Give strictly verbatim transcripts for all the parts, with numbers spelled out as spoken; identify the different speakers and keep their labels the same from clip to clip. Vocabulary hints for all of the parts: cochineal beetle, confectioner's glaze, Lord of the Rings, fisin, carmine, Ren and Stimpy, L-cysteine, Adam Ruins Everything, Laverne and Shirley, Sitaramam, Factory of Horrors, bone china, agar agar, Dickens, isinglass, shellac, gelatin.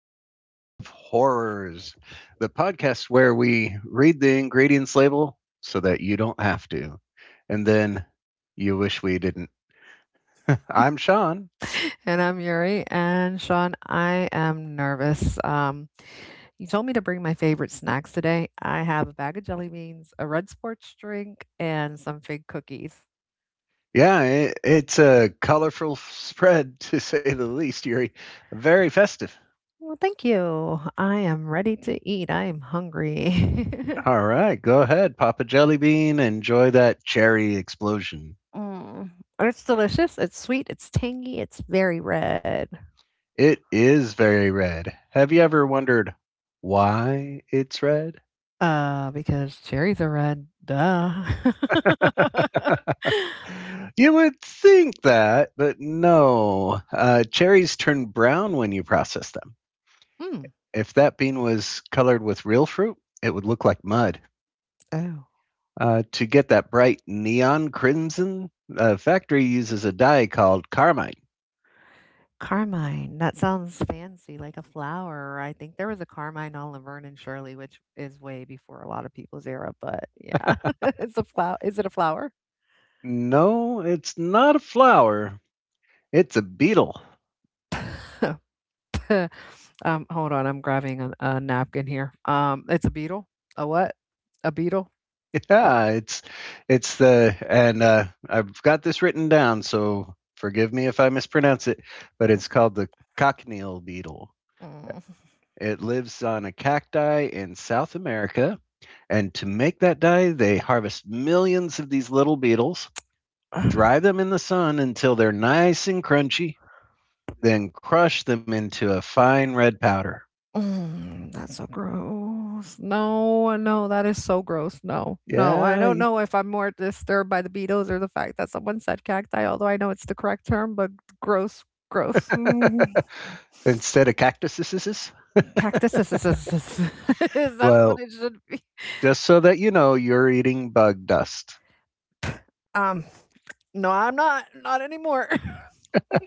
Speaker 1: Factory of Horrors, the podcast where we read the ingredients label so that you don't have to, and then you wish we didn't. I'm Sean.
Speaker 2: And I'm Yuri. And Sean, I am nervous. Um, you told me to bring my favorite snacks today. I have a bag of jelly beans, a red sports drink, and some fig cookies.
Speaker 1: Yeah, it, it's a colorful spread to say the least, Yuri. Very festive.
Speaker 2: Well, thank you. I am ready to eat. I am hungry.
Speaker 1: All right, go ahead, Papa Jellybean. Enjoy that cherry explosion.
Speaker 2: And it's delicious, it's sweet, it's tangy, it's very red,
Speaker 1: It is very red. Have you ever wondered why it's red?
Speaker 2: uh, because cherries are red, duh.
Speaker 1: You would think that, but no. Uh, cherries turn brown when you process them.
Speaker 2: Mm,
Speaker 1: If that bean was colored with real fruit, it would look like mud.
Speaker 2: oh,
Speaker 1: Uh, to get that bright neon crimson, the factory uses a dye called carmine.
Speaker 2: carmine, that sounds fancy, like a flower. I think there was a carmine on Laverne and Shirley, which is way before a lot of people's era, but yeah. It's a flower. Is it a flower?
Speaker 1: No, it's not a flower, it's a beetle.
Speaker 2: Um, hold on, I'm grabbing a a napkin here. Um, it's a beetle? A what? A beetle? Uh,
Speaker 1: Yeah, it's it's the and uh, I've got this written down, so forgive me if I mispronounce it, but it's called the cochineal beetle.
Speaker 2: mm,
Speaker 1: It lives on a cacti in South America, and to make that dye, they harvest millions of these little beetles,
Speaker 2: mm.
Speaker 1: dry them in the sun until they're nice and crunchy, then crush them into a fine red powder.
Speaker 2: Mm, that's so gross. No, no, that is so gross. No, no, I
Speaker 1: Yeah,
Speaker 2: don't know if I'm more disturbed by the Beatles or the fact that someone said cacti, although I know it's the correct term, but gross, gross. Mm,
Speaker 1: instead of cactuses.
Speaker 2: Cactus is, is, is, is- is- that's what
Speaker 1: Well,
Speaker 2: it should be.
Speaker 1: just so that you know, you're eating bug dust.
Speaker 2: Um, no, I'm not, not anymore.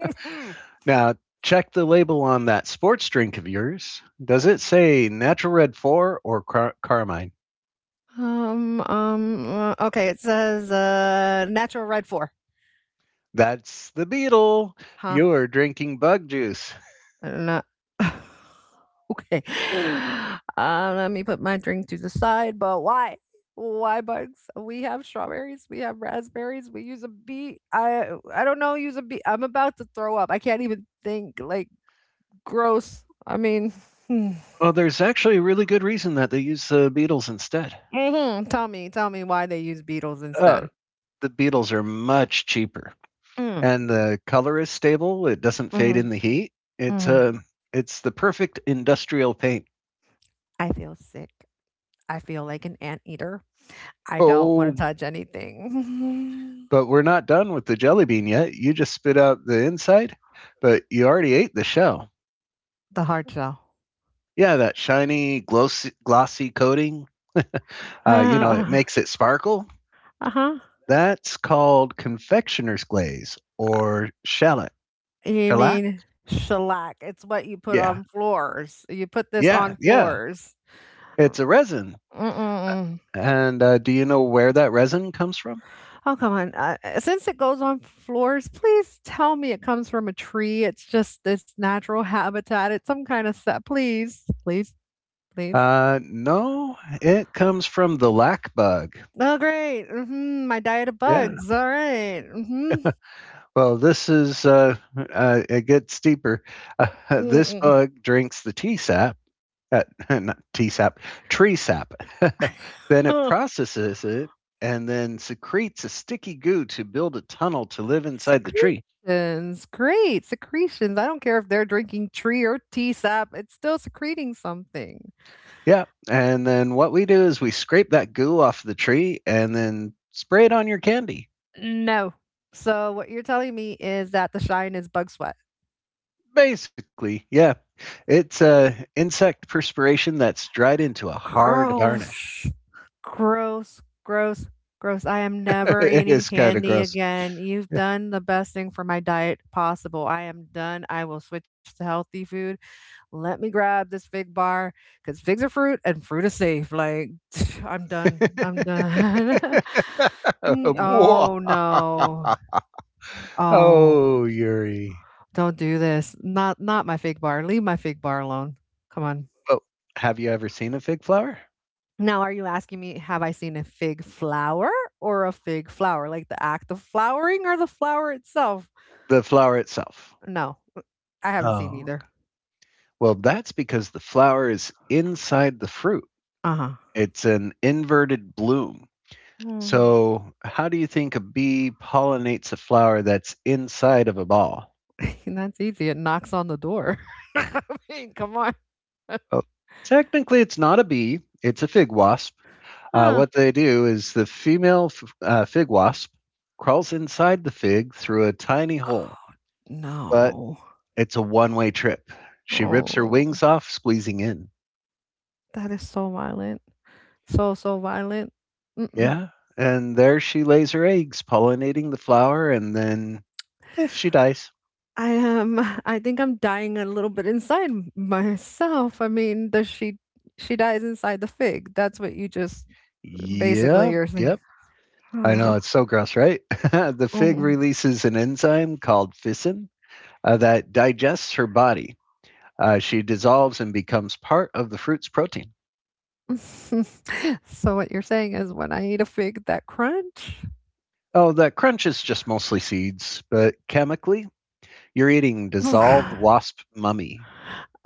Speaker 2: Mm.
Speaker 1: Now, check the label on that sports drink of yours. Does it say Natural Red four or car- Carmine?
Speaker 2: Um, um, uh, okay, it says uh, natural red four.
Speaker 1: That's the beetle.
Speaker 2: Huh?
Speaker 1: You're drinking bug juice.
Speaker 2: No. Okay. Uh, let me put my drink to the side, but why? Why bugs? We have strawberries, we have raspberries, we use a beet. I I don't know, use a beet. I'm about to throw up. I can't even think. Like gross. I mean, hmm.
Speaker 1: Well, there's actually a really good reason that they use the beetles instead.
Speaker 2: Hmm, tell me, tell me why they use beetles
Speaker 1: Uh,
Speaker 2: instead.
Speaker 1: the beetles are much cheaper,
Speaker 2: Mm,
Speaker 1: and the color is stable. It doesn't fade
Speaker 2: mm-hmm,
Speaker 1: in the heat. It's
Speaker 2: mm-hmm.
Speaker 1: uh, it's the perfect industrial paint.
Speaker 2: I feel sick. I feel like an anteater. I don't want
Speaker 1: Oh,
Speaker 2: to touch anything.
Speaker 1: but we're not done with the jelly bean yet. You just spit out the inside, but you already ate the shell.
Speaker 2: The hard shell.
Speaker 1: Yeah, that shiny, glossy, glossy coating. Uh, you know, it makes it sparkle.
Speaker 2: Uh huh.
Speaker 1: That's called confectioner's glaze
Speaker 2: uh,
Speaker 1: or shellac.
Speaker 2: You
Speaker 1: Shellac?
Speaker 2: mean shellac? It's what you put
Speaker 1: Yeah.
Speaker 2: on floors. You put this on
Speaker 1: Yeah. Yeah.
Speaker 2: floors.
Speaker 1: It's a resin.
Speaker 2: Mm-mm.
Speaker 1: And uh, do you know where that resin comes from?
Speaker 2: Oh, come on. Uh, uh, since it goes on floors, please tell me it comes from a tree. It's just this natural habitat. It's some kind of set. Please, please, please.
Speaker 1: Uh, no, it comes from the lac bug.
Speaker 2: Oh, great. Hmm, my diet of
Speaker 1: Yeah.
Speaker 2: bugs. All right. Mm-hmm.
Speaker 1: Well, this is, uh, uh, it gets deeper. Uh, this
Speaker 2: Mm-mm.
Speaker 1: bug drinks the T sap uh, not T S A P, tree sap. Then it processes it and then secretes a sticky goo to build a tunnel to live inside the tree.
Speaker 2: Secretions. Great. Secretions. I don't care if they're drinking tree or tea sap. It's still secreting something.
Speaker 1: Yeah. And then what we do is we scrape that goo off the tree and then spray it on your candy.
Speaker 2: No. So what you're telling me is that the Shine is bug sweat.
Speaker 1: Basically, yeah. It's uh, insect perspiration that's dried into a hard
Speaker 2: Gross.
Speaker 1: varnish.
Speaker 2: Gross, gross, gross. I am never
Speaker 1: It
Speaker 2: eating
Speaker 1: is kind of
Speaker 2: candy
Speaker 1: gross.
Speaker 2: again. You've done the best thing for my diet possible. I am done. I will switch to healthy food. Let me grab this fig bar because figs are fruit and fruit is safe. Like, I'm done. I'm done. Mm, oh no. Oh,
Speaker 1: Oh, Yuri.
Speaker 2: don't do this. Not not my fig bar. Leave my fig bar alone. Come on.
Speaker 1: Well, have you ever seen a fig flower?
Speaker 2: Now, are you asking me, have I seen a fig flower or a fig flower? Like the act of flowering or the flower itself?
Speaker 1: The flower itself.
Speaker 2: No, I haven't seen
Speaker 1: Oh,
Speaker 2: either.
Speaker 1: okay. Well, that's because the flower is inside the fruit.
Speaker 2: Uh-huh.
Speaker 1: It's an inverted bloom. So, how do you think a bee pollinates a flower that's inside of a ball?
Speaker 2: That's easy. It knocks on the door. I mean, come on.
Speaker 1: Oh, technically, it's not a bee, it's a fig wasp. Uh,
Speaker 2: Huh.
Speaker 1: what they do is the female f- uh, fig wasp crawls inside the fig through a tiny hole, but
Speaker 2: No.
Speaker 1: it's a one way trip. She rips her
Speaker 2: Oh,
Speaker 1: wings off, squeezing in.
Speaker 2: that is so violent. So, so violent. Mm-mm.
Speaker 1: Yeah, and there she lays her eggs, pollinating the flower, and then, eh, she dies.
Speaker 2: I am. I think I'm dying a little bit inside m- myself. I mean, does she? She dies inside the fig. That's what you just basically
Speaker 1: Yep,
Speaker 2: you're saying.
Speaker 1: yep. I
Speaker 2: Uh-huh.
Speaker 1: know, it's so gross, right? The fig releases an enzyme called fisin, uh, that digests her body. Uh, she dissolves and becomes part of the fruit's protein.
Speaker 2: So what you're saying is when I eat a fig that crunch?
Speaker 1: Oh, that crunch is just mostly seeds, but chemically, you're eating dissolved wasp mummy.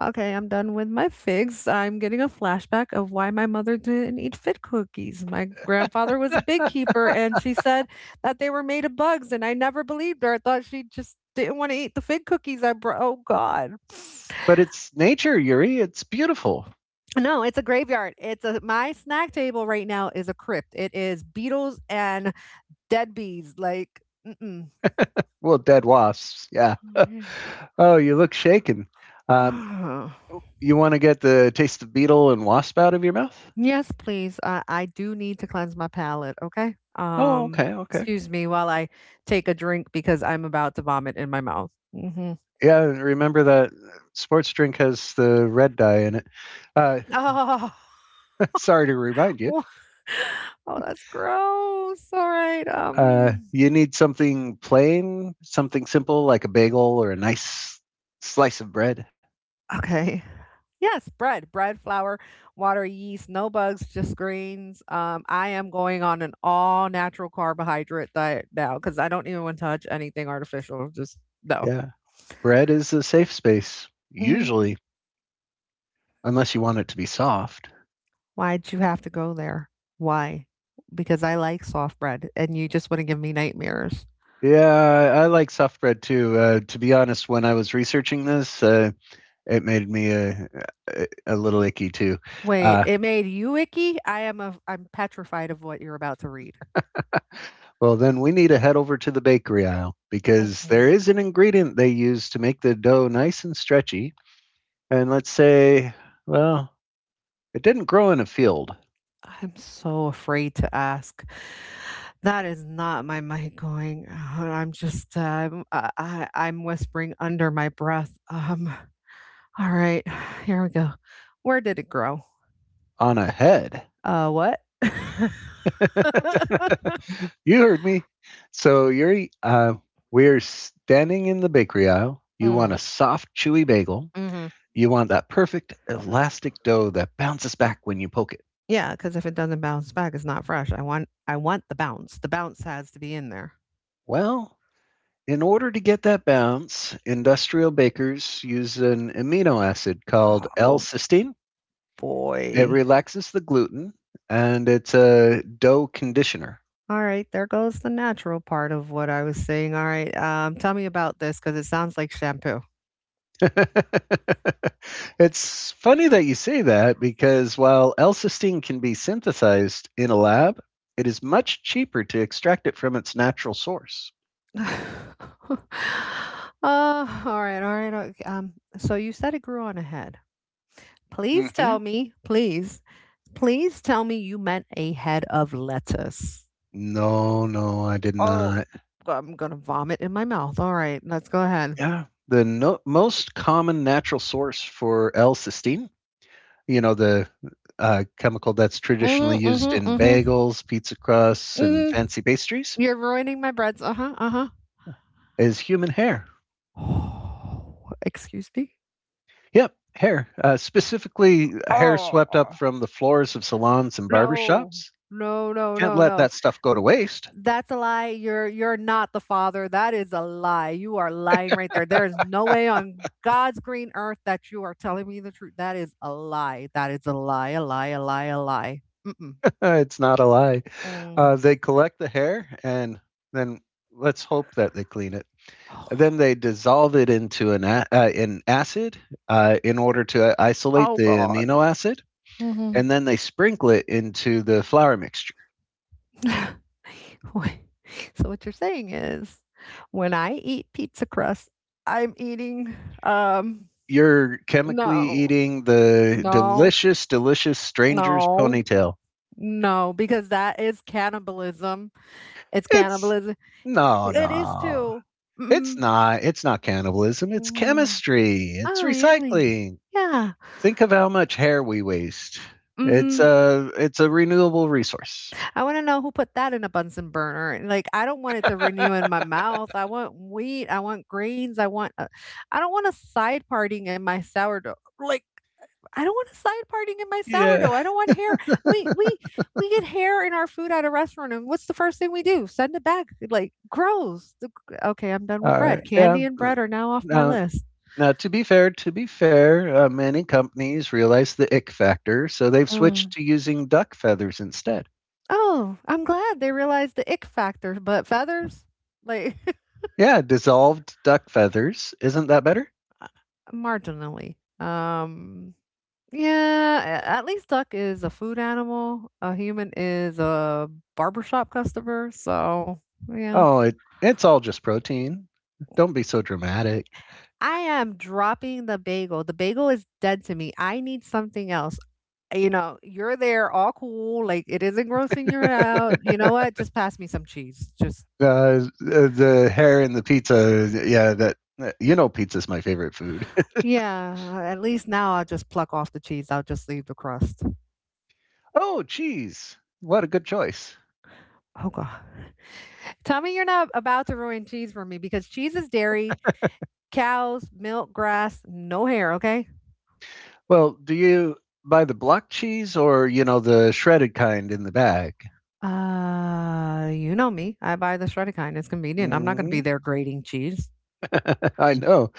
Speaker 2: Okay, I'm done with my figs. I'm getting a flashback of why my mother didn't eat fig cookies. My grandfather was a big keeper and she said that they were made of bugs and I never believed her. I thought she just didn't want to eat the fig cookies I brought. Oh God.
Speaker 1: But it's nature, Yuri. It's beautiful.
Speaker 2: No, it's a graveyard. It's a my snack table right now is a crypt. It is beetles and dead bees. Like,
Speaker 1: Well, dead wasps, yeah.
Speaker 2: mm-mm.
Speaker 1: Oh, you look shaken. Um,
Speaker 2: Ah.
Speaker 1: You want to get the taste of beetle and wasp out of your mouth?
Speaker 2: Yes, please. I, I do need to cleanse my palate, okay?
Speaker 1: Oh,
Speaker 2: Um,
Speaker 1: okay, okay.
Speaker 2: excuse me while I take a drink because I'm about to vomit in my mouth. Hmm.
Speaker 1: Yeah, remember that sports drink has the red dye in it. Uh,
Speaker 2: Oh,
Speaker 1: Sorry to remind you.
Speaker 2: wha- oh, that's gross. All right.
Speaker 1: Uh,
Speaker 2: Um,
Speaker 1: you need something plain, something simple like a bagel or a nice slice of bread.
Speaker 2: okay. Yes, bread, bread, flour, water, yeast, no bugs, just grains. Um, I am going on an all natural carbohydrate diet now because I don't even want to touch anything artificial. Just no.
Speaker 1: Yeah, bread is a safe space, usually, unless you want it to be soft.
Speaker 2: Why'd you have to go there? Why? Because I like soft bread and you just wanna give me nightmares.
Speaker 1: Yeah, I like soft bread too. Uh, to be honest, when I was researching this, uh, it made me a, a, a little icky too.
Speaker 2: Wait,
Speaker 1: Uh,
Speaker 2: it made you icky? I am a. Am petrified of what you're about to read.
Speaker 1: Well, then we need to head over to the bakery aisle because there
Speaker 2: Mhm.
Speaker 1: is an ingredient they use to make the dough nice and stretchy. And let's say, well, it didn't grow in a field,
Speaker 2: I'm so afraid to ask. That is not my mind going. Uh, I'm just, um, I I I'm whispering under my breath. Um, alright, here we go. Where did it grow?
Speaker 1: on a head.
Speaker 2: Uh, what?
Speaker 1: You heard me. So you're uh, we're standing in the bakery aisle. You want a
Speaker 2: Mm.
Speaker 1: soft, chewy bagel.
Speaker 2: Mhm.
Speaker 1: You want that perfect elastic dough that bounces back when you poke it.
Speaker 2: Yeah, because if it doesn't bounce back, it's not fresh. I want I want the bounce. The bounce has to be in there.
Speaker 1: Well, in order to get that bounce, industrial bakers use an amino acid called
Speaker 2: Oh,
Speaker 1: L-cysteine. It
Speaker 2: boy.
Speaker 1: relaxes the gluten and it's a dough conditioner.
Speaker 2: All right, there goes the natural part of what I was saying. All right, um, tell me about this because it sounds like shampoo.
Speaker 1: It's funny that you say that because while L-cysteine can be synthesized in a lab, it is much cheaper to extract it from its natural source.
Speaker 2: Oh, all right, all right, okay, um, so you said it grew on a head. Please
Speaker 1: hmm
Speaker 2: tell me, please, please tell me you meant a head of lettuce.
Speaker 1: No, no, I did
Speaker 2: Oh,
Speaker 1: not.
Speaker 2: I'm gonna vomit in my mouth. All right, let's go ahead.
Speaker 1: Yeah, the no- most common natural source for L-cysteine, you know, the uh, chemical that's traditionally
Speaker 2: Mhm,
Speaker 1: used
Speaker 2: mhm,
Speaker 1: in
Speaker 2: mhm.
Speaker 1: bagels, pizza crusts, and
Speaker 2: Mhm.
Speaker 1: fancy pastries
Speaker 2: You're ruining my breads. Uh-huh, uh-huh.
Speaker 1: is human hair.
Speaker 2: Excuse me?
Speaker 1: Yep, hair. Uh, specifically, hair
Speaker 2: Oh,
Speaker 1: swept up from the floors of salons and barber
Speaker 2: no.
Speaker 1: shops.
Speaker 2: No, no,
Speaker 1: Can't
Speaker 2: no,
Speaker 1: let
Speaker 2: no.
Speaker 1: that stuff go to waste.
Speaker 2: That's a lie. You're you're not the father. That is a lie. You are lying right there. There is no way on God's green earth that you are telling me the truth. That is a lie. That is a lie, a lie, a lie, a lie. Mm-mm.
Speaker 1: It's not a lie.
Speaker 2: Mm.
Speaker 1: Uh, they collect the hair and then let's hope that they clean it. Then they dissolve it into an a- uh, an acid uh, in order to isolate
Speaker 2: Oh,
Speaker 1: the
Speaker 2: God.
Speaker 1: amino acid
Speaker 2: Mhm.
Speaker 1: and then they sprinkle it into the flour mixture.
Speaker 2: Wait, so what you're saying is when I eat pizza crust, I'm eating um
Speaker 1: You're chemically
Speaker 2: no,
Speaker 1: eating the
Speaker 2: no,
Speaker 1: delicious, delicious stranger's
Speaker 2: no,
Speaker 1: ponytail.
Speaker 2: no, because that is cannibalism. It's
Speaker 1: It's
Speaker 2: cannibalism.
Speaker 1: No,
Speaker 2: It is
Speaker 1: no.
Speaker 2: too. Mm-hmm.
Speaker 1: It's not. It's not cannibalism. It's
Speaker 2: Hmm.
Speaker 1: chemistry. It's
Speaker 2: Oh, really?
Speaker 1: recycling.
Speaker 2: Yeah.
Speaker 1: Think of how much hair we waste. It's
Speaker 2: Hmm,
Speaker 1: a it's a renewable resource.
Speaker 2: I want to know who put that in a Bunsen burner. And, like, I don't want it to renew in my mouth. I want wheat. I want grains. I want. Uh, I don't want a side parting in my sourdough. Like, I don't want a side parting in my
Speaker 1: Yeah.
Speaker 2: sourdough. I don't want hair. We we we get hair in our food at a restaurant, and what's the first thing we do? Send it back. Like gross. The- Okay, I'm done
Speaker 1: All
Speaker 2: with
Speaker 1: right.
Speaker 2: bread.
Speaker 1: Yeah.
Speaker 2: Candy and bread are now off my
Speaker 1: No,
Speaker 2: list.
Speaker 1: now, to be fair, to be fair, uh, many companies realize the ick factor, so they've
Speaker 2: Mm.
Speaker 1: switched to using duck feathers instead.
Speaker 2: Oh, I'm glad they realized the ick factor, but feathers, like
Speaker 1: Yeah, dissolved duck feathers. Isn't that better?
Speaker 2: marginally. Um, yeah, a- at least duck is a food animal. A human is a barbershop customer. So yeah.
Speaker 1: Oh, it, it's all just protein. Don't be so dramatic.
Speaker 2: I am dropping the bagel. The bagel is dead to me. I need something else. You know, you're there all cool, like it isn't grossing you out. You know what? Just pass me some cheese. Just
Speaker 1: Uh, the hair in the pizza. Yeah, that uh, you know, pizza's my favorite food.
Speaker 2: yeah, at least now I'll just pluck off the cheese. I'll just leave the crust.
Speaker 1: Oh, cheese. What a good choice.
Speaker 2: Oh god. Tell me you're not about to ruin cheese for me because cheese is dairy, cows, milk, grass, no hair, okay?
Speaker 1: Well, do you buy the block cheese or you know the shredded kind in the bag?
Speaker 2: Uh, you know me. I buy the shredded kind. It's convenient. I'm not going to be
Speaker 1: Mm,
Speaker 2: there grating cheese.
Speaker 1: I know.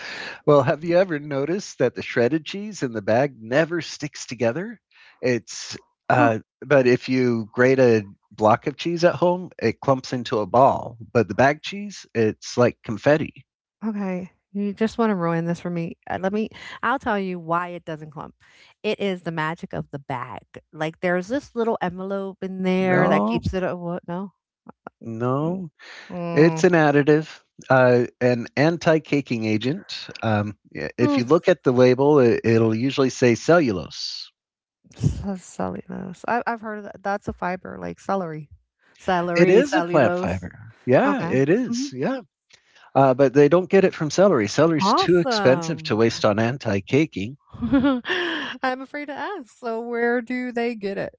Speaker 1: Well, have you ever noticed that the shredded cheese in the bag never sticks together? It's uh, but if you grate a block of cheese at home, it clumps into a ball. But the bag cheese, it's like confetti.
Speaker 2: Okay. You just want to ruin this for me. Uh, Let me, I'll tell you why it doesn't clump. It is the magic of the bag. Like there's this little envelope in there that
Speaker 1: No,
Speaker 2: keeps it. a- What? No. Mm.
Speaker 1: no, it's
Speaker 2: Mm.
Speaker 1: an additive, uh, an anti-caking agent. Um, i- if
Speaker 2: Mm.
Speaker 1: you look at the label, it, it'll usually say cellulose.
Speaker 2: Ce- Cellulose. I, I've heard of that. That's a fiber, like celery,
Speaker 1: It
Speaker 2: celery,
Speaker 1: is a plant
Speaker 2: cellulose.
Speaker 1: fiber. Yeah,
Speaker 2: Okay.
Speaker 1: it is.
Speaker 2: Mhm.
Speaker 1: Yeah. Uh, but they don't get it from celery. Celery's too expensive to
Speaker 2: Awesome.
Speaker 1: waste on anti caking.
Speaker 2: I'm afraid to ask. So, where do they get it?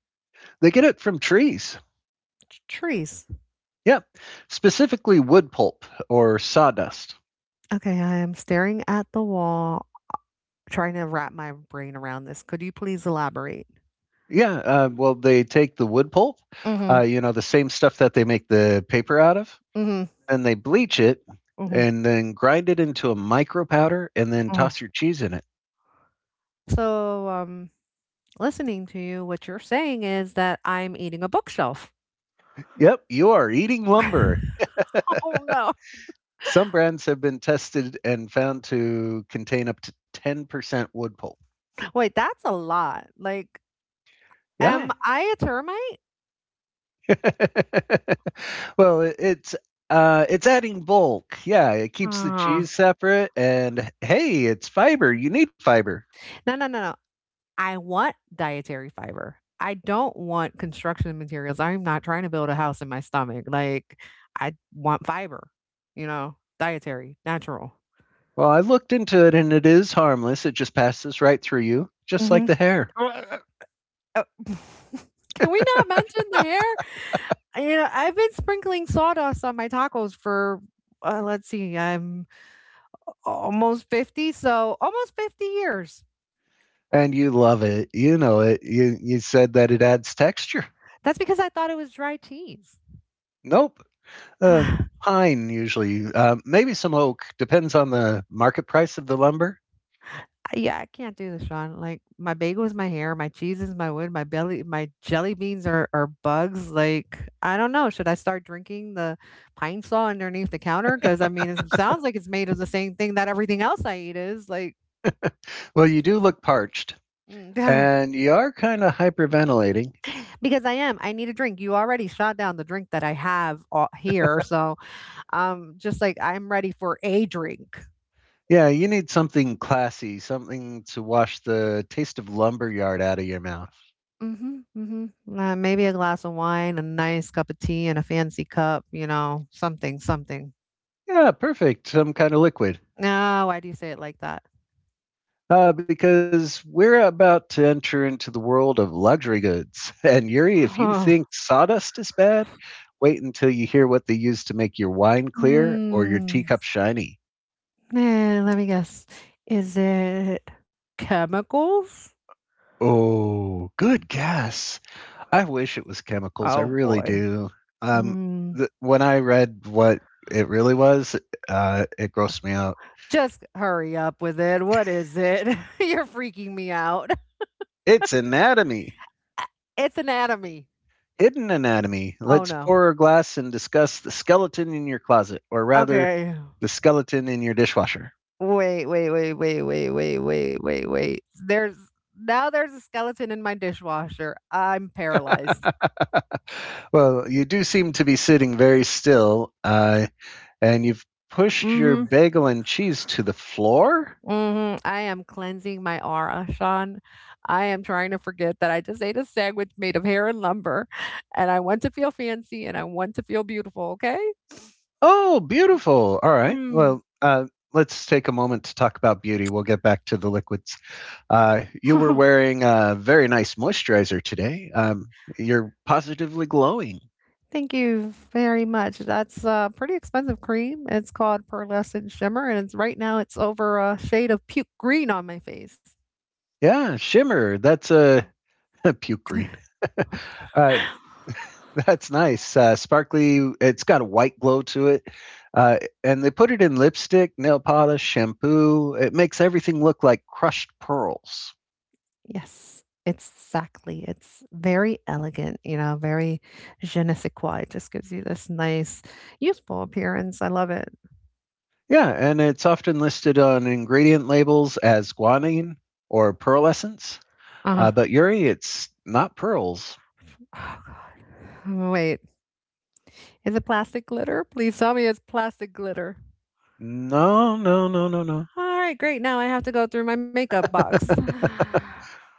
Speaker 1: They get it from trees.
Speaker 2: T- Trees.
Speaker 1: Yeah, specifically wood pulp or sawdust.
Speaker 2: Okay, I am staring at the wall. Trying to wrap my brain around this. Could you please elaborate?
Speaker 1: Yeah, uh, well, they take the wood pulp, uh,
Speaker 2: Mhm.
Speaker 1: you know, the same stuff that they make the paper out of,
Speaker 2: Mhm.
Speaker 1: and they bleach it
Speaker 2: Mhm.
Speaker 1: and then grind it into a micro powder and then
Speaker 2: Mhm.
Speaker 1: toss your cheese in it.
Speaker 2: So, um, listening to you, what you're saying is that I'm eating a bookshelf.
Speaker 1: Yep, you are eating lumber.
Speaker 2: Oh no.
Speaker 1: Some brands have been tested and found to contain up to ten percent wood pulp.
Speaker 2: Wait, that's a lot. Like,
Speaker 1: Yeah,
Speaker 2: am I a termite?
Speaker 1: Well, it it's, uh, it's adding bulk. Yeah, it keeps the
Speaker 2: Uh,
Speaker 1: cheese separate and, hey, it's fiber, you need fiber.
Speaker 2: no, no, no, no. I want dietary fiber. I don't want construction materials. I'm not trying to build a house in my stomach. Like, I want fiber, you know, dietary, natural.
Speaker 1: Well, I looked into it and it is harmless, it just passes right through you, just like
Speaker 2: Hmm.
Speaker 1: the hair.
Speaker 2: Oh, can we not mention the hair? Uh, You know, I've been sprinkling sawdust on my tacos for, uh, let's see, I'm almost fifty, so almost fifty years.
Speaker 1: And you love it, you know it. You you said that it adds texture.
Speaker 2: That's because I thought it was dry cheese.
Speaker 1: Nope. Uh,
Speaker 2: I-
Speaker 1: pine usually, uh, maybe some oak, depends on the market price of the lumber.
Speaker 2: yeah, I can't do this, Sean. Like, my bagel is my hair, my cheese is my wood, my belly, my jelly beans are, are bugs. Like, I don't know. Should I start drinking the pine saw underneath the counter? Because, I mean, it sounds like it's made of the same thing that everything else I eat is. Like,
Speaker 1: Well, you do look parched,
Speaker 2: mm,
Speaker 1: and you are kinda hyperventilating.
Speaker 2: because I am. I need a drink. You already shot down the drink that I have uh, here, so um, just like I'm ready for a drink.
Speaker 1: Yeah, you need something classy, something to wash the taste of lumberyard out of your mouth.
Speaker 2: Mm, mhm, mm mhm. Uh, maybe a glass of wine, a nice cup of tea, and a fancy cup. You know, something, something.
Speaker 1: Yeah, perfect. Some kind of liquid.
Speaker 2: No, why do you say it like that?
Speaker 1: Uh, because we're about to enter into the world of luxury goods. And Yuri, if you
Speaker 2: Huh.
Speaker 1: think sawdust is bad, wait until you hear what they use to make your wine clear or your
Speaker 2: Hmm.
Speaker 1: teacup shiny.
Speaker 2: Eh, let me guess. Is it chemicals?
Speaker 1: Oh, good guess. I wish it was chemicals. I
Speaker 2: Oh
Speaker 1: really
Speaker 2: boy.
Speaker 1: do. Um,
Speaker 2: Mm.
Speaker 1: th- when I read what it really was, uh, it grossed me out.
Speaker 2: Just hurry up with it. What is it? You're freaking me out.
Speaker 1: It's anatomy.
Speaker 2: It's anatomy.
Speaker 1: Hidden anatomy.
Speaker 2: Oh,
Speaker 1: Let's
Speaker 2: no.
Speaker 1: pour a glass and discuss the skeleton in your closet, or rather,
Speaker 2: Okay.
Speaker 1: the skeleton in your dishwasher.
Speaker 2: Wait, wait, wait, wait, wait, wait, wait, wait, wait. There's now there's a skeleton in my dishwasher. I'm paralyzed.
Speaker 1: Well, you do seem to be sitting very still, uh, and you've pushed your
Speaker 2: Mhm.
Speaker 1: bagel and cheese to the floor?
Speaker 2: Mhm. I am cleansing my aura, Sean. I am trying to forget that I just ate a sandwich made of hair and lumber, and I want to feel fancy, and I want to feel beautiful, okay?
Speaker 1: Oh, beautiful. All right.
Speaker 2: Mm.
Speaker 1: Well, uh, let's take a moment to talk about beauty. We'll get back to the liquids. Uh, you were wearing a very nice moisturizer today. Um, you're positively glowing.
Speaker 2: Thank you very much. That's a pretty expensive cream. It's called Pearlescent Shimmer, and it's right now it's over a shade of puke green on my face.
Speaker 1: Yeah, shimmer. That's a puke green. uh, that's nice. Uh, sparkly. It's got a white glow to it. Uh, and they put it in lipstick, nail polish, shampoo. It makes everything look like crushed pearls.
Speaker 2: Yes, exactly. It's very elegant, you know, very je ne sais quoi. It just gives you this nice, youthful appearance. I love it.
Speaker 1: Yeah, and it's often listed on ingredient labels as guanine or pearl essence.
Speaker 2: Uh
Speaker 1: Uh,
Speaker 2: huh.
Speaker 1: but Yuri, it's not pearls.
Speaker 2: Oh, God. Wait, is it plastic glitter? Please tell me it's plastic glitter.
Speaker 1: No, no, no, no, no.
Speaker 2: All right, great. Now I have to go through my makeup box.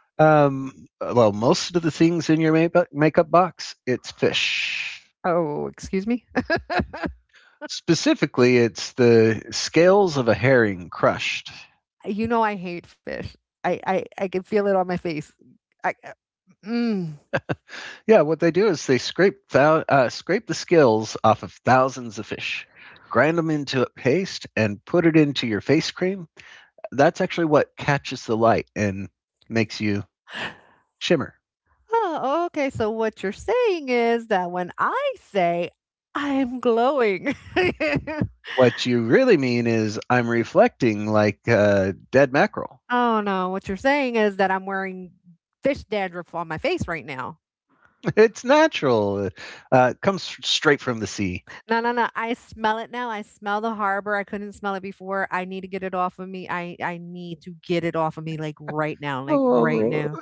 Speaker 1: Um, well, most of the things in your makeup makeup box, it's fish.
Speaker 2: Oh, excuse me?
Speaker 1: Specifically, it's the scales of a herring crushed.
Speaker 2: You know I hate fish. I I I can feel it on my face. I uh, mm.
Speaker 1: Yeah, what they do is they scrape thou- uh, scrape the scales off of thousands of fish, grind them into a paste, and put it into your face cream. That's actually what catches the light and makes you shimmer.
Speaker 2: Oh, okay. So what you're saying is that when I say I'm glowing.
Speaker 1: What you really mean is I'm reflecting like uh, dead mackerel.
Speaker 2: oh no, what you're saying is that I'm wearing fish dandruff on my face right now.
Speaker 1: It's natural. Uh, it comes straight from the sea.
Speaker 2: No, no, no. I smell it now. I smell the harbor. I couldn't smell it before. I need to get it off of me. I I need to get it off of me like right now, like right
Speaker 1: Oh,
Speaker 2: now.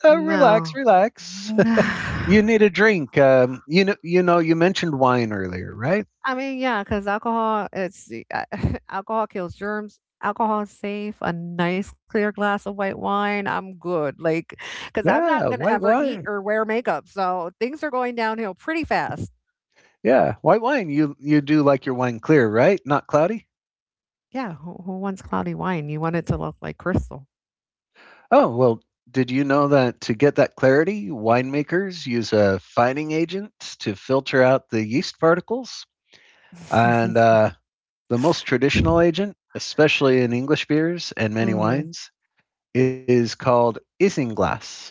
Speaker 1: uh, relax,
Speaker 2: No.
Speaker 1: relax. You need a drink. Um, you know, you know, you mentioned wine earlier, right?
Speaker 2: I mean, yeah, because alcohol, it's uh, alcohol kills germs. Alcohol is safe. A nice clear glass of white wine, I'm good. Like, because I'm not
Speaker 1: Yeah,
Speaker 2: gonna
Speaker 1: white
Speaker 2: ever eat
Speaker 1: wine.
Speaker 2: or wear makeup, so things are going downhill pretty fast.
Speaker 1: Yeah, white wine. You you do like your wine clear, right? Not cloudy.
Speaker 2: Yeah, who, who wants cloudy wine? You want it to look like crystal.
Speaker 1: Oh well, did you know that to get that clarity, winemakers use a fining agent to filter out the yeast particles? And uh, the most traditional agent, especially in English beers and many
Speaker 2: Mhm.
Speaker 1: wines, is called isinglass.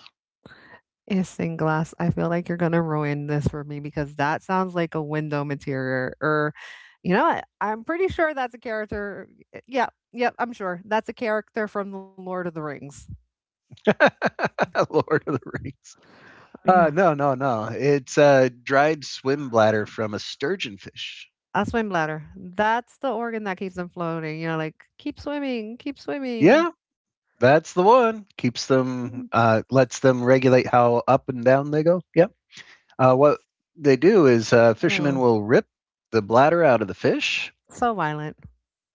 Speaker 2: Isinglass, glass. I feel like you're gonna ruin this for me because that sounds like a window material. Or, you know, what? I'm pretty sure that's a character. Yeah, yeah, yep, I'm sure that's a character from the Lord of the Rings.
Speaker 1: Lord of the Rings.
Speaker 2: Yeah,
Speaker 1: Uh, no, no, no. It's a dried swim bladder from a sturgeon fish.
Speaker 2: a swim bladder. That's the organ that keeps them floating. You know, like keep swimming, keep swimming.
Speaker 1: Yeah, that's the one. Keeps them, uh, lets them regulate how up and down they go. Yeah. Uh, what they do is uh, fishermen
Speaker 2: Mhm.
Speaker 1: will rip the bladder out of the fish
Speaker 2: So violent,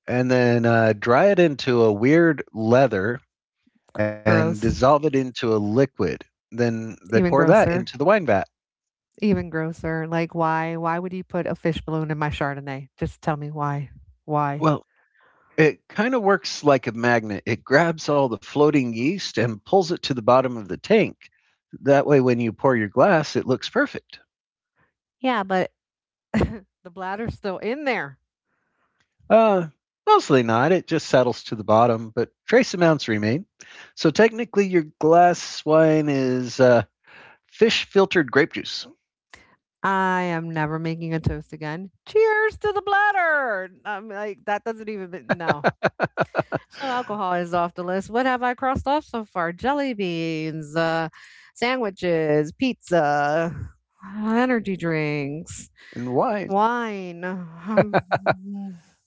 Speaker 1: and then uh, dry it into a weird leather and
Speaker 2: gross,
Speaker 1: dissolve it into a liquid. Then they
Speaker 2: even
Speaker 1: pour that
Speaker 2: grosser,
Speaker 1: into the wine vat.
Speaker 2: even grosser. Like, why? Why would you put a fish balloon in my Chardonnay? Just tell me why. Why?
Speaker 1: Well, it kind of works like a magnet. It grabs all the floating yeast and pulls it to the bottom of the tank. That way, when you pour your glass, it looks perfect.
Speaker 2: Yeah, but the bladder's still in there.
Speaker 1: Uh, mostly not. It just settles to the bottom, but trace amounts remain. So technically, your glass wine is uh, fish filtered grape juice
Speaker 2: I am never making a toast again. Cheers to the bladder. I'm like, that doesn't even, be- no. So alcohol is off the list. What have I crossed off so far? Jelly beans, uh, sandwiches, pizza, energy drinks,
Speaker 1: and wine.
Speaker 2: wine, um,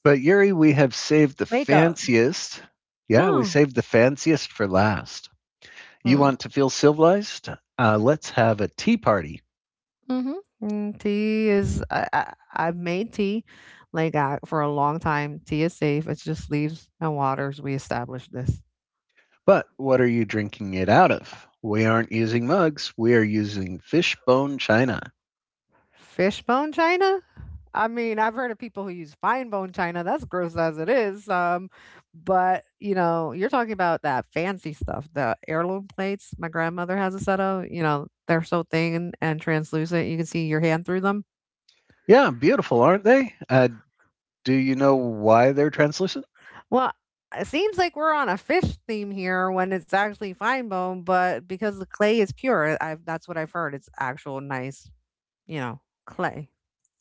Speaker 1: But Yuri, we have saved the
Speaker 2: makeup.
Speaker 1: fanciest. Yeah, we
Speaker 2: Oh.
Speaker 1: saved the fanciest for last. You want to feel civilized? Uh, let's have a tea party.
Speaker 2: Mhm. Mm, Tea is I, I I've made tea like I, for a long time. Tea is safe. It's just leaves and waters. We established this.
Speaker 1: But what are you drinking it out of? We aren't using mugs, we are using fishbone china.
Speaker 2: Fishbone china? I mean, I've heard of people who use fine bone china. That's gross as it is. Um, but you know, you're talking about that fancy stuff, the heirloom plates. My grandmother has a set of. You know, they're so thin and translucent. You can see your hand through them.
Speaker 1: Yeah, beautiful, aren't they? Uh, do you know why they're translucent?
Speaker 2: Well, it seems like we're on a fish theme here when it's actually fine bone, but because the clay is pure, I've that's what I've heard. It's actual nice, you know, clay.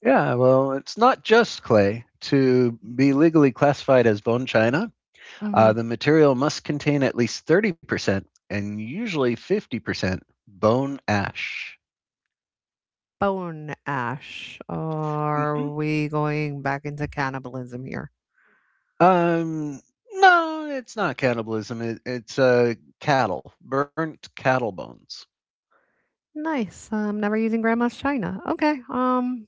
Speaker 1: Yeah, well, it's not just clay. To be legally classified as bone china, uh, the
Speaker 2: Mhm.
Speaker 1: material must contain at least thirty percent and usually fifty percent bone ash.
Speaker 2: Bone ash.
Speaker 1: hmm
Speaker 2: Are we going back into cannibalism here?
Speaker 1: Um, no, it's not cannibalism. It, it's uh, cattle, burnt cattle bones.
Speaker 2: Nice. I'm never using grandma's china. Okay. Um.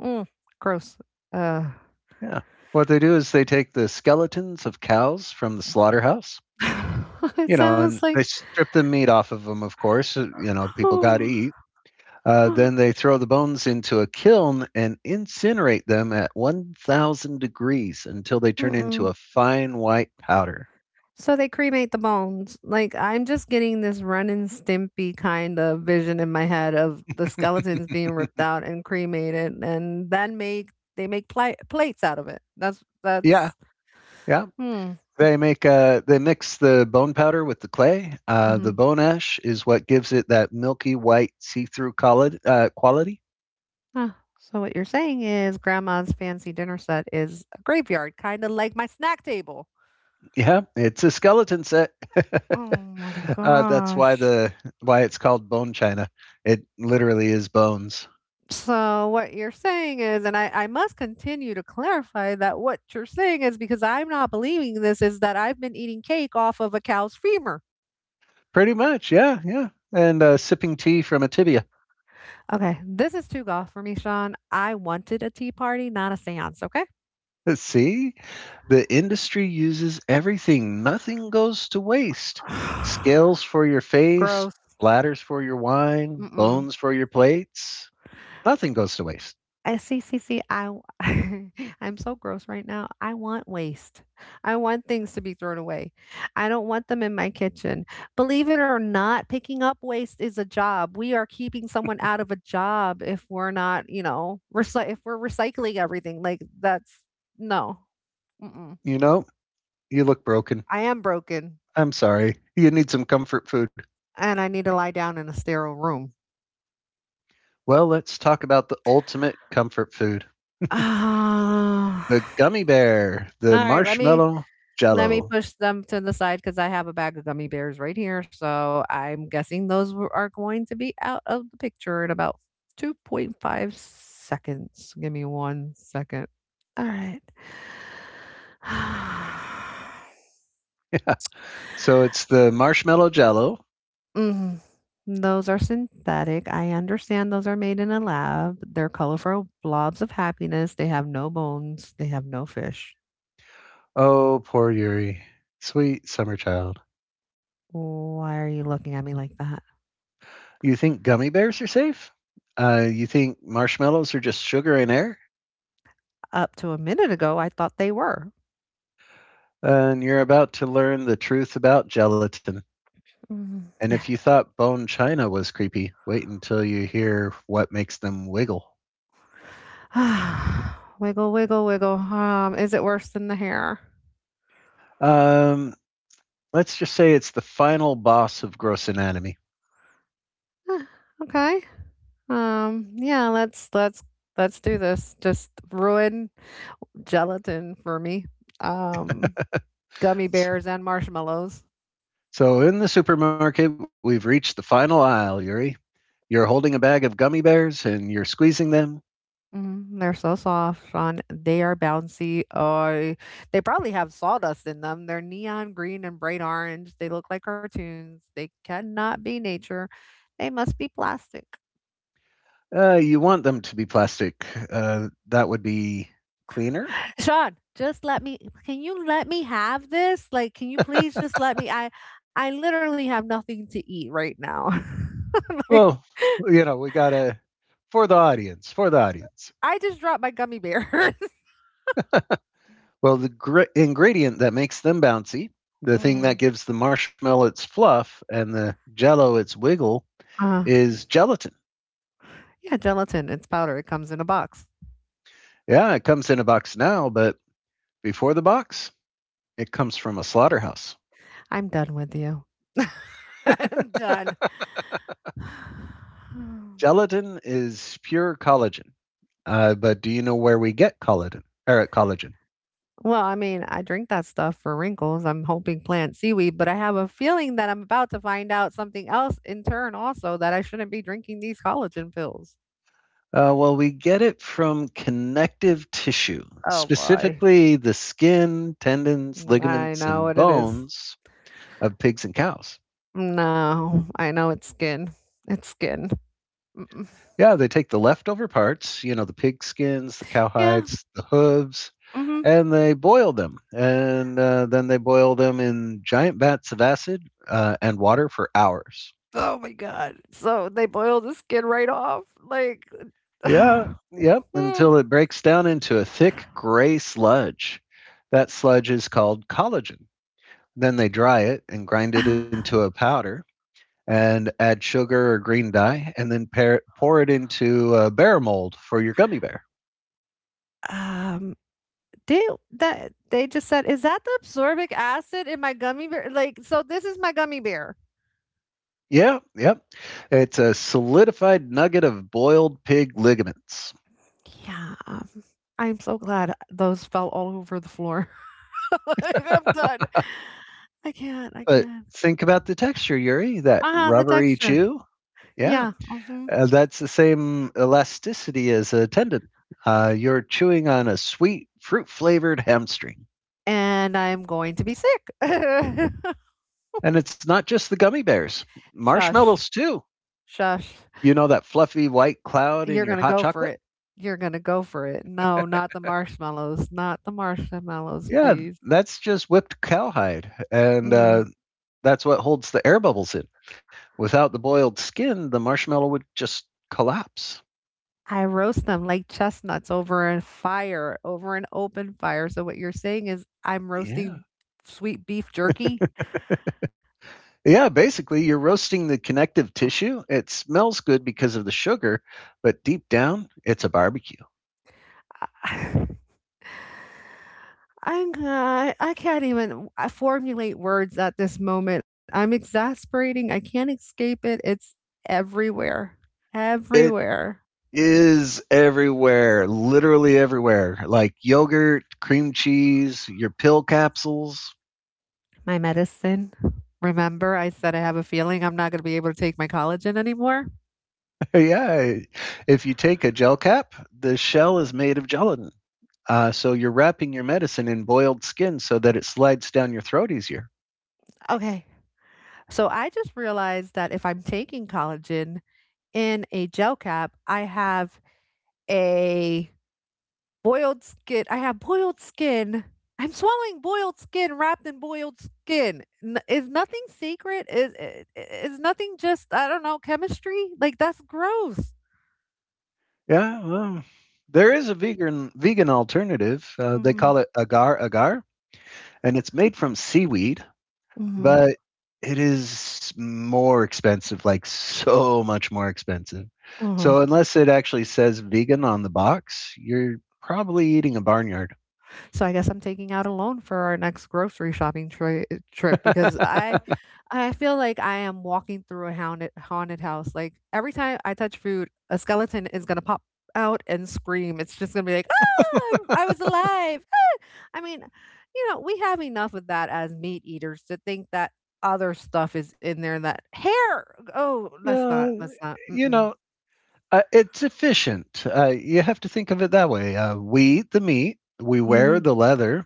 Speaker 2: mm, Gross. Uh.
Speaker 1: Yeah. What they do is they take the skeletons of cows from the slaughterhouse,
Speaker 2: It
Speaker 1: you know, and
Speaker 2: sounds
Speaker 1: they
Speaker 2: like.
Speaker 1: strip the meat off of them, of course. uh, You know, people got to eat. Uh,
Speaker 2: Oh.
Speaker 1: then they throw the bones into a kiln and incinerate them at one thousand degrees until they turn into
Speaker 2: Mm-mm.
Speaker 1: a fine white powder.
Speaker 2: So they cremate the bones. Like I'm just getting this Ren and Stimpy kind of vision in my head of the skeletons being ripped out and cremated, and then make they make pli- plates out of it. That's
Speaker 1: Yeah,
Speaker 2: that's
Speaker 1: yeah.
Speaker 2: hmm.
Speaker 1: They make uh, they mix the bone powder with the clay. Uh, the
Speaker 2: Hmm.
Speaker 1: bone ash is what gives it that milky white see-through quali- uh, quality.
Speaker 2: Ah, so what you're saying is grandma's fancy dinner set is a graveyard, kind of like my snack table.
Speaker 1: Yeah, it's a skeleton set.
Speaker 2: Oh my
Speaker 1: uh, that's why
Speaker 2: gosh.
Speaker 1: the Why it's called bone china. It literally is bones.
Speaker 2: So what you're saying is, and I, I must continue to clarify that what you're saying is because I'm not believing this is that I've been eating cake off of a cow's femur.
Speaker 1: Pretty much, yeah, yeah. And uh, sipping tea from a tibia.
Speaker 2: Okay, this is too golf for me, Sean. I wanted a tea party, not a seance. Okay.
Speaker 1: See, the industry uses everything. Nothing goes to waste. Scales for your face,
Speaker 2: Gross.
Speaker 1: bladders for your wine,
Speaker 2: Mm-mm.
Speaker 1: bones for your plates. Nothing goes to waste.
Speaker 2: I see, see, see, I w- I'm so gross right now. I want waste. I want things to be thrown away. I don't want them in my kitchen. Believe it or not, picking up waste is a job. We are keeping someone out of a job if we're not, you know, recy- if we're recycling everything. Like that's no. Mm-mm.
Speaker 1: You know, you look broken.
Speaker 2: I am broken
Speaker 1: I'm sorry. You need some comfort food.
Speaker 2: and I need to lie down in a sterile room.
Speaker 1: Well, let's talk about the ultimate comfort food:
Speaker 2: All
Speaker 1: the gummy bear, the
Speaker 2: right, let me
Speaker 1: marshmallow
Speaker 2: Let me
Speaker 1: jello.
Speaker 2: push them to the side because I have a bag of gummy bears right here. So I'm guessing those w- are going to be out of the picture in about two point five seconds. Give me one second. All right.
Speaker 1: So it's the marshmallow jello.
Speaker 2: Mm. Those are synthetic. I understand those are made in a lab. They're colorful blobs of happiness. They have no bones. They have no fish.
Speaker 1: Oh, poor Yuri. Sweet summer child.
Speaker 2: Why are you looking at me like that?
Speaker 1: You think gummy bears are safe? Uh, you think marshmallows are just sugar and air?
Speaker 2: Up to a minute ago, I thought they were.
Speaker 1: And you're about to learn the truth about gelatin.
Speaker 2: Mm.
Speaker 1: And if you thought bone china was creepy, wait until you hear what makes them wiggle.
Speaker 2: Wiggle, wiggle, wiggle. Um, is it worse than the hair?
Speaker 1: Um, let's just say it's the final boss of gross anatomy.
Speaker 2: Eh, okay. Um, yeah, let's let's let's do this. Just ruin gelatin for me. Um, Gummy bears and marshmallows.
Speaker 1: So in the supermarket, we've reached the final aisle, Yuri. You're holding a bag of gummy bears and you're squeezing them.
Speaker 2: Mm, they're so soft, Sean. They are bouncy. Oh, they probably have sawdust in them. They're neon green and bright orange. They look like cartoons. They cannot be nature. They must be plastic.
Speaker 1: Uh, you want them to be plastic. Uh, that would be cleaner.
Speaker 2: Sean, just let me can you let me have this? Like, can you please just let me I I literally have nothing to eat right now. Like
Speaker 1: Well, you know, we gotta for the audience, for the audience.
Speaker 2: I just dropped my gummy bears.
Speaker 1: Well, the gr- ingredient that makes them bouncy, the thing
Speaker 2: Mm.
Speaker 1: that gives the marshmallow its fluff and the jello its wiggle,
Speaker 2: Uh
Speaker 1: is gelatin.
Speaker 2: yeah, gelatin. It's powder. It comes in a box.
Speaker 1: Yeah, it comes in a box now, but before the box, it comes from a slaughterhouse.
Speaker 2: I'm done with you. I'm done.
Speaker 1: Gelatin is pure collagen. Uh, but do you know where we get collagen? Or collagen?
Speaker 2: Well, I mean, I drink that stuff for wrinkles. I'm hoping plant seaweed, but I have a feeling that I'm about to find out something else in turn also that I shouldn't be drinking these collagen pills.
Speaker 1: Uh, well, we get it from connective tissue,
Speaker 2: Oh boy.
Speaker 1: specifically the skin, tendons,
Speaker 2: Mm, I
Speaker 1: ligaments,
Speaker 2: know
Speaker 1: and
Speaker 2: what it is.
Speaker 1: bones of pigs and cows.
Speaker 2: No, I know it's skin. It's skin. Mm-mm.
Speaker 1: Yeah, they take the leftover parts, you know, the pig skins, the cow
Speaker 2: Yeah.
Speaker 1: hides, the hooves,
Speaker 2: Hmm.
Speaker 1: and they boil them. And uh, then they boil them in giant vats of acid uh, and water for hours.
Speaker 2: Oh my god. So they boil the skin right off. Like,
Speaker 1: Yeah, yep,
Speaker 2: Hmm.
Speaker 1: until it breaks down into a thick gray sludge. That sludge is called collagen. Then they dry it and grind it into a powder and add sugar or green dye and then pair, pour it into a bear mold for your gummy bear.
Speaker 2: um, they that they just said, is that the absorbic acid in my gummy bear? Like, so this is my gummy bear.
Speaker 1: Yeah, yep. It's a solidified nugget of boiled pig ligaments.
Speaker 2: Yeah, I'm so glad those fell all over the floor. Like, I'm done. I can't. I
Speaker 1: But
Speaker 2: can't.
Speaker 1: think about the texture, Yuri, that
Speaker 2: Uh huh. The
Speaker 1: rubbery
Speaker 2: texture.
Speaker 1: chew. Yeah.
Speaker 2: Yeah. Mm-hmm.
Speaker 1: Uh, that's the same elasticity as a tendon. Uh, you're chewing on a sweet fruit flavored hamstring.
Speaker 2: And I'm going to be sick.
Speaker 1: And it's not just the gummy bears,
Speaker 2: Shush,
Speaker 1: marshmallows too.
Speaker 2: shush.
Speaker 1: You know that fluffy white cloud
Speaker 2: You're
Speaker 1: in your
Speaker 2: going to
Speaker 1: hot
Speaker 2: go for
Speaker 1: chocolate?
Speaker 2: it. You're going to go for it. No, not the marshmallows. Not the marshmallows,
Speaker 1: Yeah,
Speaker 2: please.
Speaker 1: that's just whipped cowhide. And
Speaker 2: Mm.
Speaker 1: uh, that's what holds the air bubbles in. Without the boiled skin, the marshmallow would just collapse.
Speaker 2: I roast them like chestnuts over a fire, over an open fire. So what you're saying is I'm
Speaker 1: Yeah.
Speaker 2: roasting sweet beef jerky?
Speaker 1: Yeah, basically, you're roasting the connective tissue. It smells good because of the sugar, but deep down, it's a barbecue.
Speaker 2: I'm I I can't even uh, formulate words at this moment. I'm exasperating. I can't escape it. It's everywhere.
Speaker 1: It
Speaker 2: Everywhere.
Speaker 1: is everywhere, literally everywhere. Like yogurt, cream cheese, your pill capsules.
Speaker 2: My medicine. Remember I said I have a feeling I'm not going to be able to take my collagen anymore?
Speaker 1: Yeah, if you take a gel cap, the shell is made of gelatin. Uh, so you're wrapping your medicine in boiled skin so that it slides down your throat easier.
Speaker 2: Okay. So I just realized that if I'm taking collagen in a gel cap, I have a Boiled skin I have boiled skin. I'm swallowing boiled skin wrapped in boiled skin. N is nothing sacred? Is i is nothing just, I don't know, chemistry? Like, that's gross.
Speaker 1: Yeah, well, there is a vegan vegan alternative. Uh, they
Speaker 2: Mhm,
Speaker 1: call it agar agar, and it's made from seaweed.
Speaker 2: mhm.
Speaker 1: But it is more expensive, like so much more expensive.
Speaker 2: Mhm.
Speaker 1: So unless it actually says vegan on the box, you're probably eating a barnyard.
Speaker 2: So I guess I'm taking out a loan for our next grocery shopping troy eh, trip because I I feel like I am walking through a haunted haunted house. Like, every time I touch food, a skeleton is gonna pop out and scream. It's just gonna be like, "Ah, I'm- I was alive." I mean, you know, we have enough of that as meat eaters to think that other stuff is in there that hair. Oh, let's not,
Speaker 1: Uh,
Speaker 2: let's not.
Speaker 1: you
Speaker 2: Mm-mm.
Speaker 1: know, uh, it's efficient. Uh, you have to think of it that way. Uh, we eat the meat, we wear
Speaker 2: Mm.
Speaker 1: the leather,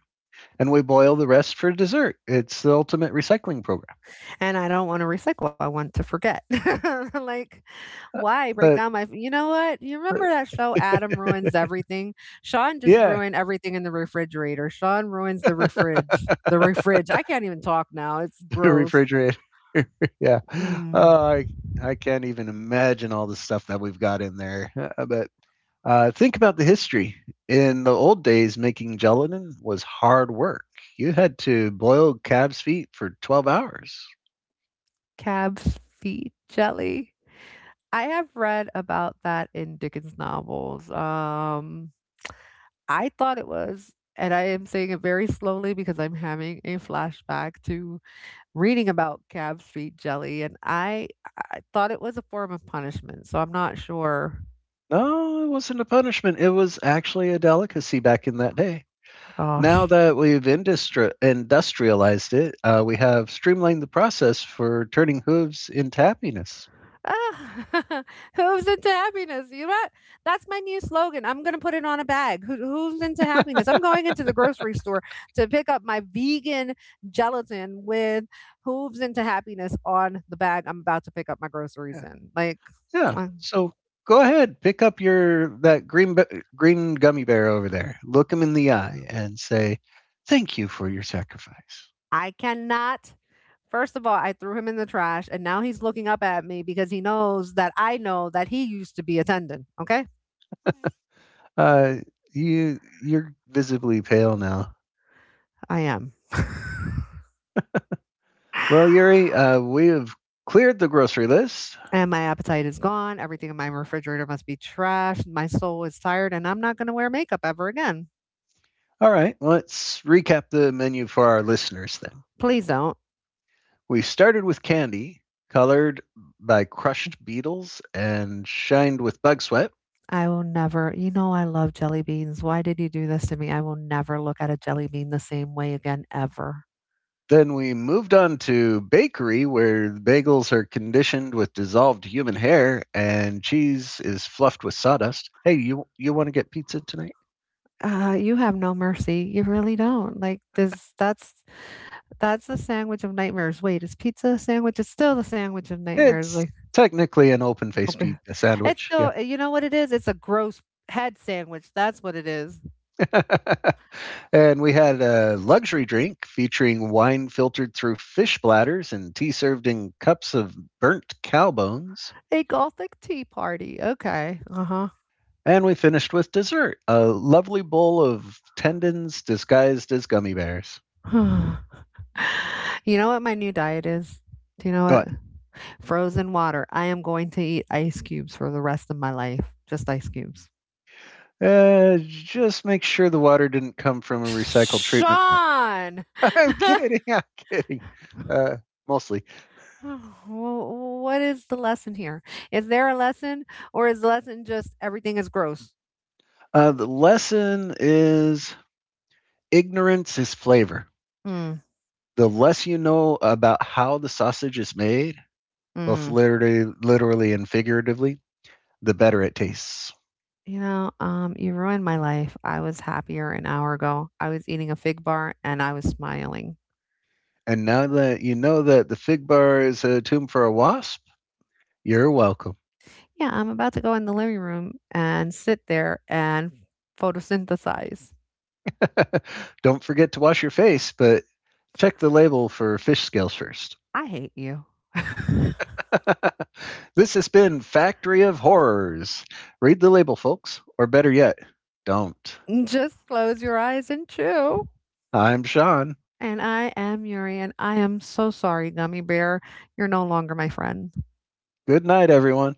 Speaker 1: and we boil the rest for dessert. It's the ultimate recycling program.
Speaker 2: And I don't want to recycle. I want to forget. Like,
Speaker 1: Uh,
Speaker 2: why break
Speaker 1: But
Speaker 2: down my? You know what? You remember that show Adam ruins everything. Sean just ruined everything in the refrigerator. Sean ruins the refridge.
Speaker 1: yeah,
Speaker 2: The refridge. I can't even talk now. It's
Speaker 1: the
Speaker 2: gross.
Speaker 1: refrigerator. Yeah.
Speaker 2: Mm.
Speaker 1: Oh, I I can't even imagine all the stuff that we've got in there. Uh, But uh, think about the history. In the old days, making gelatin was hard work. You had to boil calves' feet for twelve hours.
Speaker 2: Cab's feet jelly. I have read about that in Dickens novels. Um, I thought it was, and I am saying it very slowly because I'm having a flashback to reading about Cab Street Jelly, and I, I thought it was a form of punishment. So I'm not sure.
Speaker 1: No, it wasn't a punishment. It was actually a delicacy back in that day.
Speaker 2: Oh.
Speaker 1: Now that we've industri- industrialized it, uh, we have streamlined the process for turning hooves into happiness.
Speaker 2: Ah, who's into happiness? You know what? That's my new slogan. I'm gonna put it on a bag. Who, who's into happiness? I'm going into the grocery store to pick up my vegan gelatin with "hooves into happiness" on the bag. I'm about to pick up my groceries
Speaker 1: Yeah.
Speaker 2: in. Like,
Speaker 1: Yeah.
Speaker 2: uh,
Speaker 1: So go ahead, pick up your that green be- green gummy bear over there. Look him in the eye and say, "Thank you for your sacrifice."
Speaker 2: I cannot. First of all, I threw him in the trash, and now he's looking up at me because he knows that I know that he used to be a tendon. Okay,
Speaker 1: Uh, you you're visibly pale now.
Speaker 2: I am.
Speaker 1: Well, Yuri, uh, we have cleared the grocery list.
Speaker 2: And my appetite is gone. Everything in my refrigerator must be trash. My soul is tired, and I'm not going to wear makeup ever again.
Speaker 1: All right, let's recap the menu for our listeners then.
Speaker 2: Please don't.
Speaker 1: We started with candy, colored by crushed beetles and shined with bug sweat.
Speaker 2: I will never, you know, I love jelly beans. Why did you do this to me? I will never look at a jelly bean the same way again, ever.
Speaker 1: Then we moved on to bakery, where the bagels are conditioned with dissolved human hair and cheese is fluffed with sawdust. Hey, you you want to get pizza tonight?
Speaker 2: Uh, you have no mercy. You really don't. Like this, that's that's the sandwich of nightmares. Wait, is pizza a sandwich? It's still the sandwich of nightmares.
Speaker 1: It's
Speaker 2: Like,
Speaker 1: technically an open faced pizza
Speaker 2: it's
Speaker 1: sandwich. Yeah.
Speaker 2: still, you know what it is? It's a gross head sandwich. That's what it is.
Speaker 1: And we had a luxury drink featuring wine filtered through fish bladders and tea served in cups of burnt cow bones.
Speaker 2: A Gothic tea party, okay, uh-huh.
Speaker 1: And we finished with dessert, a lovely bowl of tendons disguised as gummy bears.
Speaker 2: You know what my new diet is? Do you know
Speaker 1: Oh,
Speaker 2: what? Frozen water. I am going to eat ice cubes for the rest of my life, just ice cubes.
Speaker 1: Uh, just make sure the water didn't come from a recycled treatment plant.
Speaker 2: Sean!
Speaker 1: I'm kidding. I'm kidding. Uh, mostly.
Speaker 2: Wh what is the lesson here? Is there a lesson, or is the lesson just everything is gross?
Speaker 1: Uh, the lesson is ignorance is flavor.
Speaker 2: Mm,
Speaker 1: The less you know about how the sausage is made, both
Speaker 2: mm.
Speaker 1: literally, literally and figuratively, the better it tastes.
Speaker 2: You know, um, you ruined my life. I was happier an hour ago. I was eating a fig bar, and I was smiling.
Speaker 1: And now that you know that the fig bar is a tomb for a wasp, you're welcome.
Speaker 2: Yeah, I'm about to go in the living room and sit there and photosynthesize.
Speaker 1: Don't forget to wash your face, but check the label for fish scales first.
Speaker 2: I hate you.
Speaker 1: This has been Factory of Horrors. Read the label, folks, or better yet, don't.
Speaker 2: Just close your eyes and chew.
Speaker 1: I'm Sean.
Speaker 2: And I am Yuri, and I am so sorry, Gummy Bear. You're no longer my friend.
Speaker 1: Good night, everyone.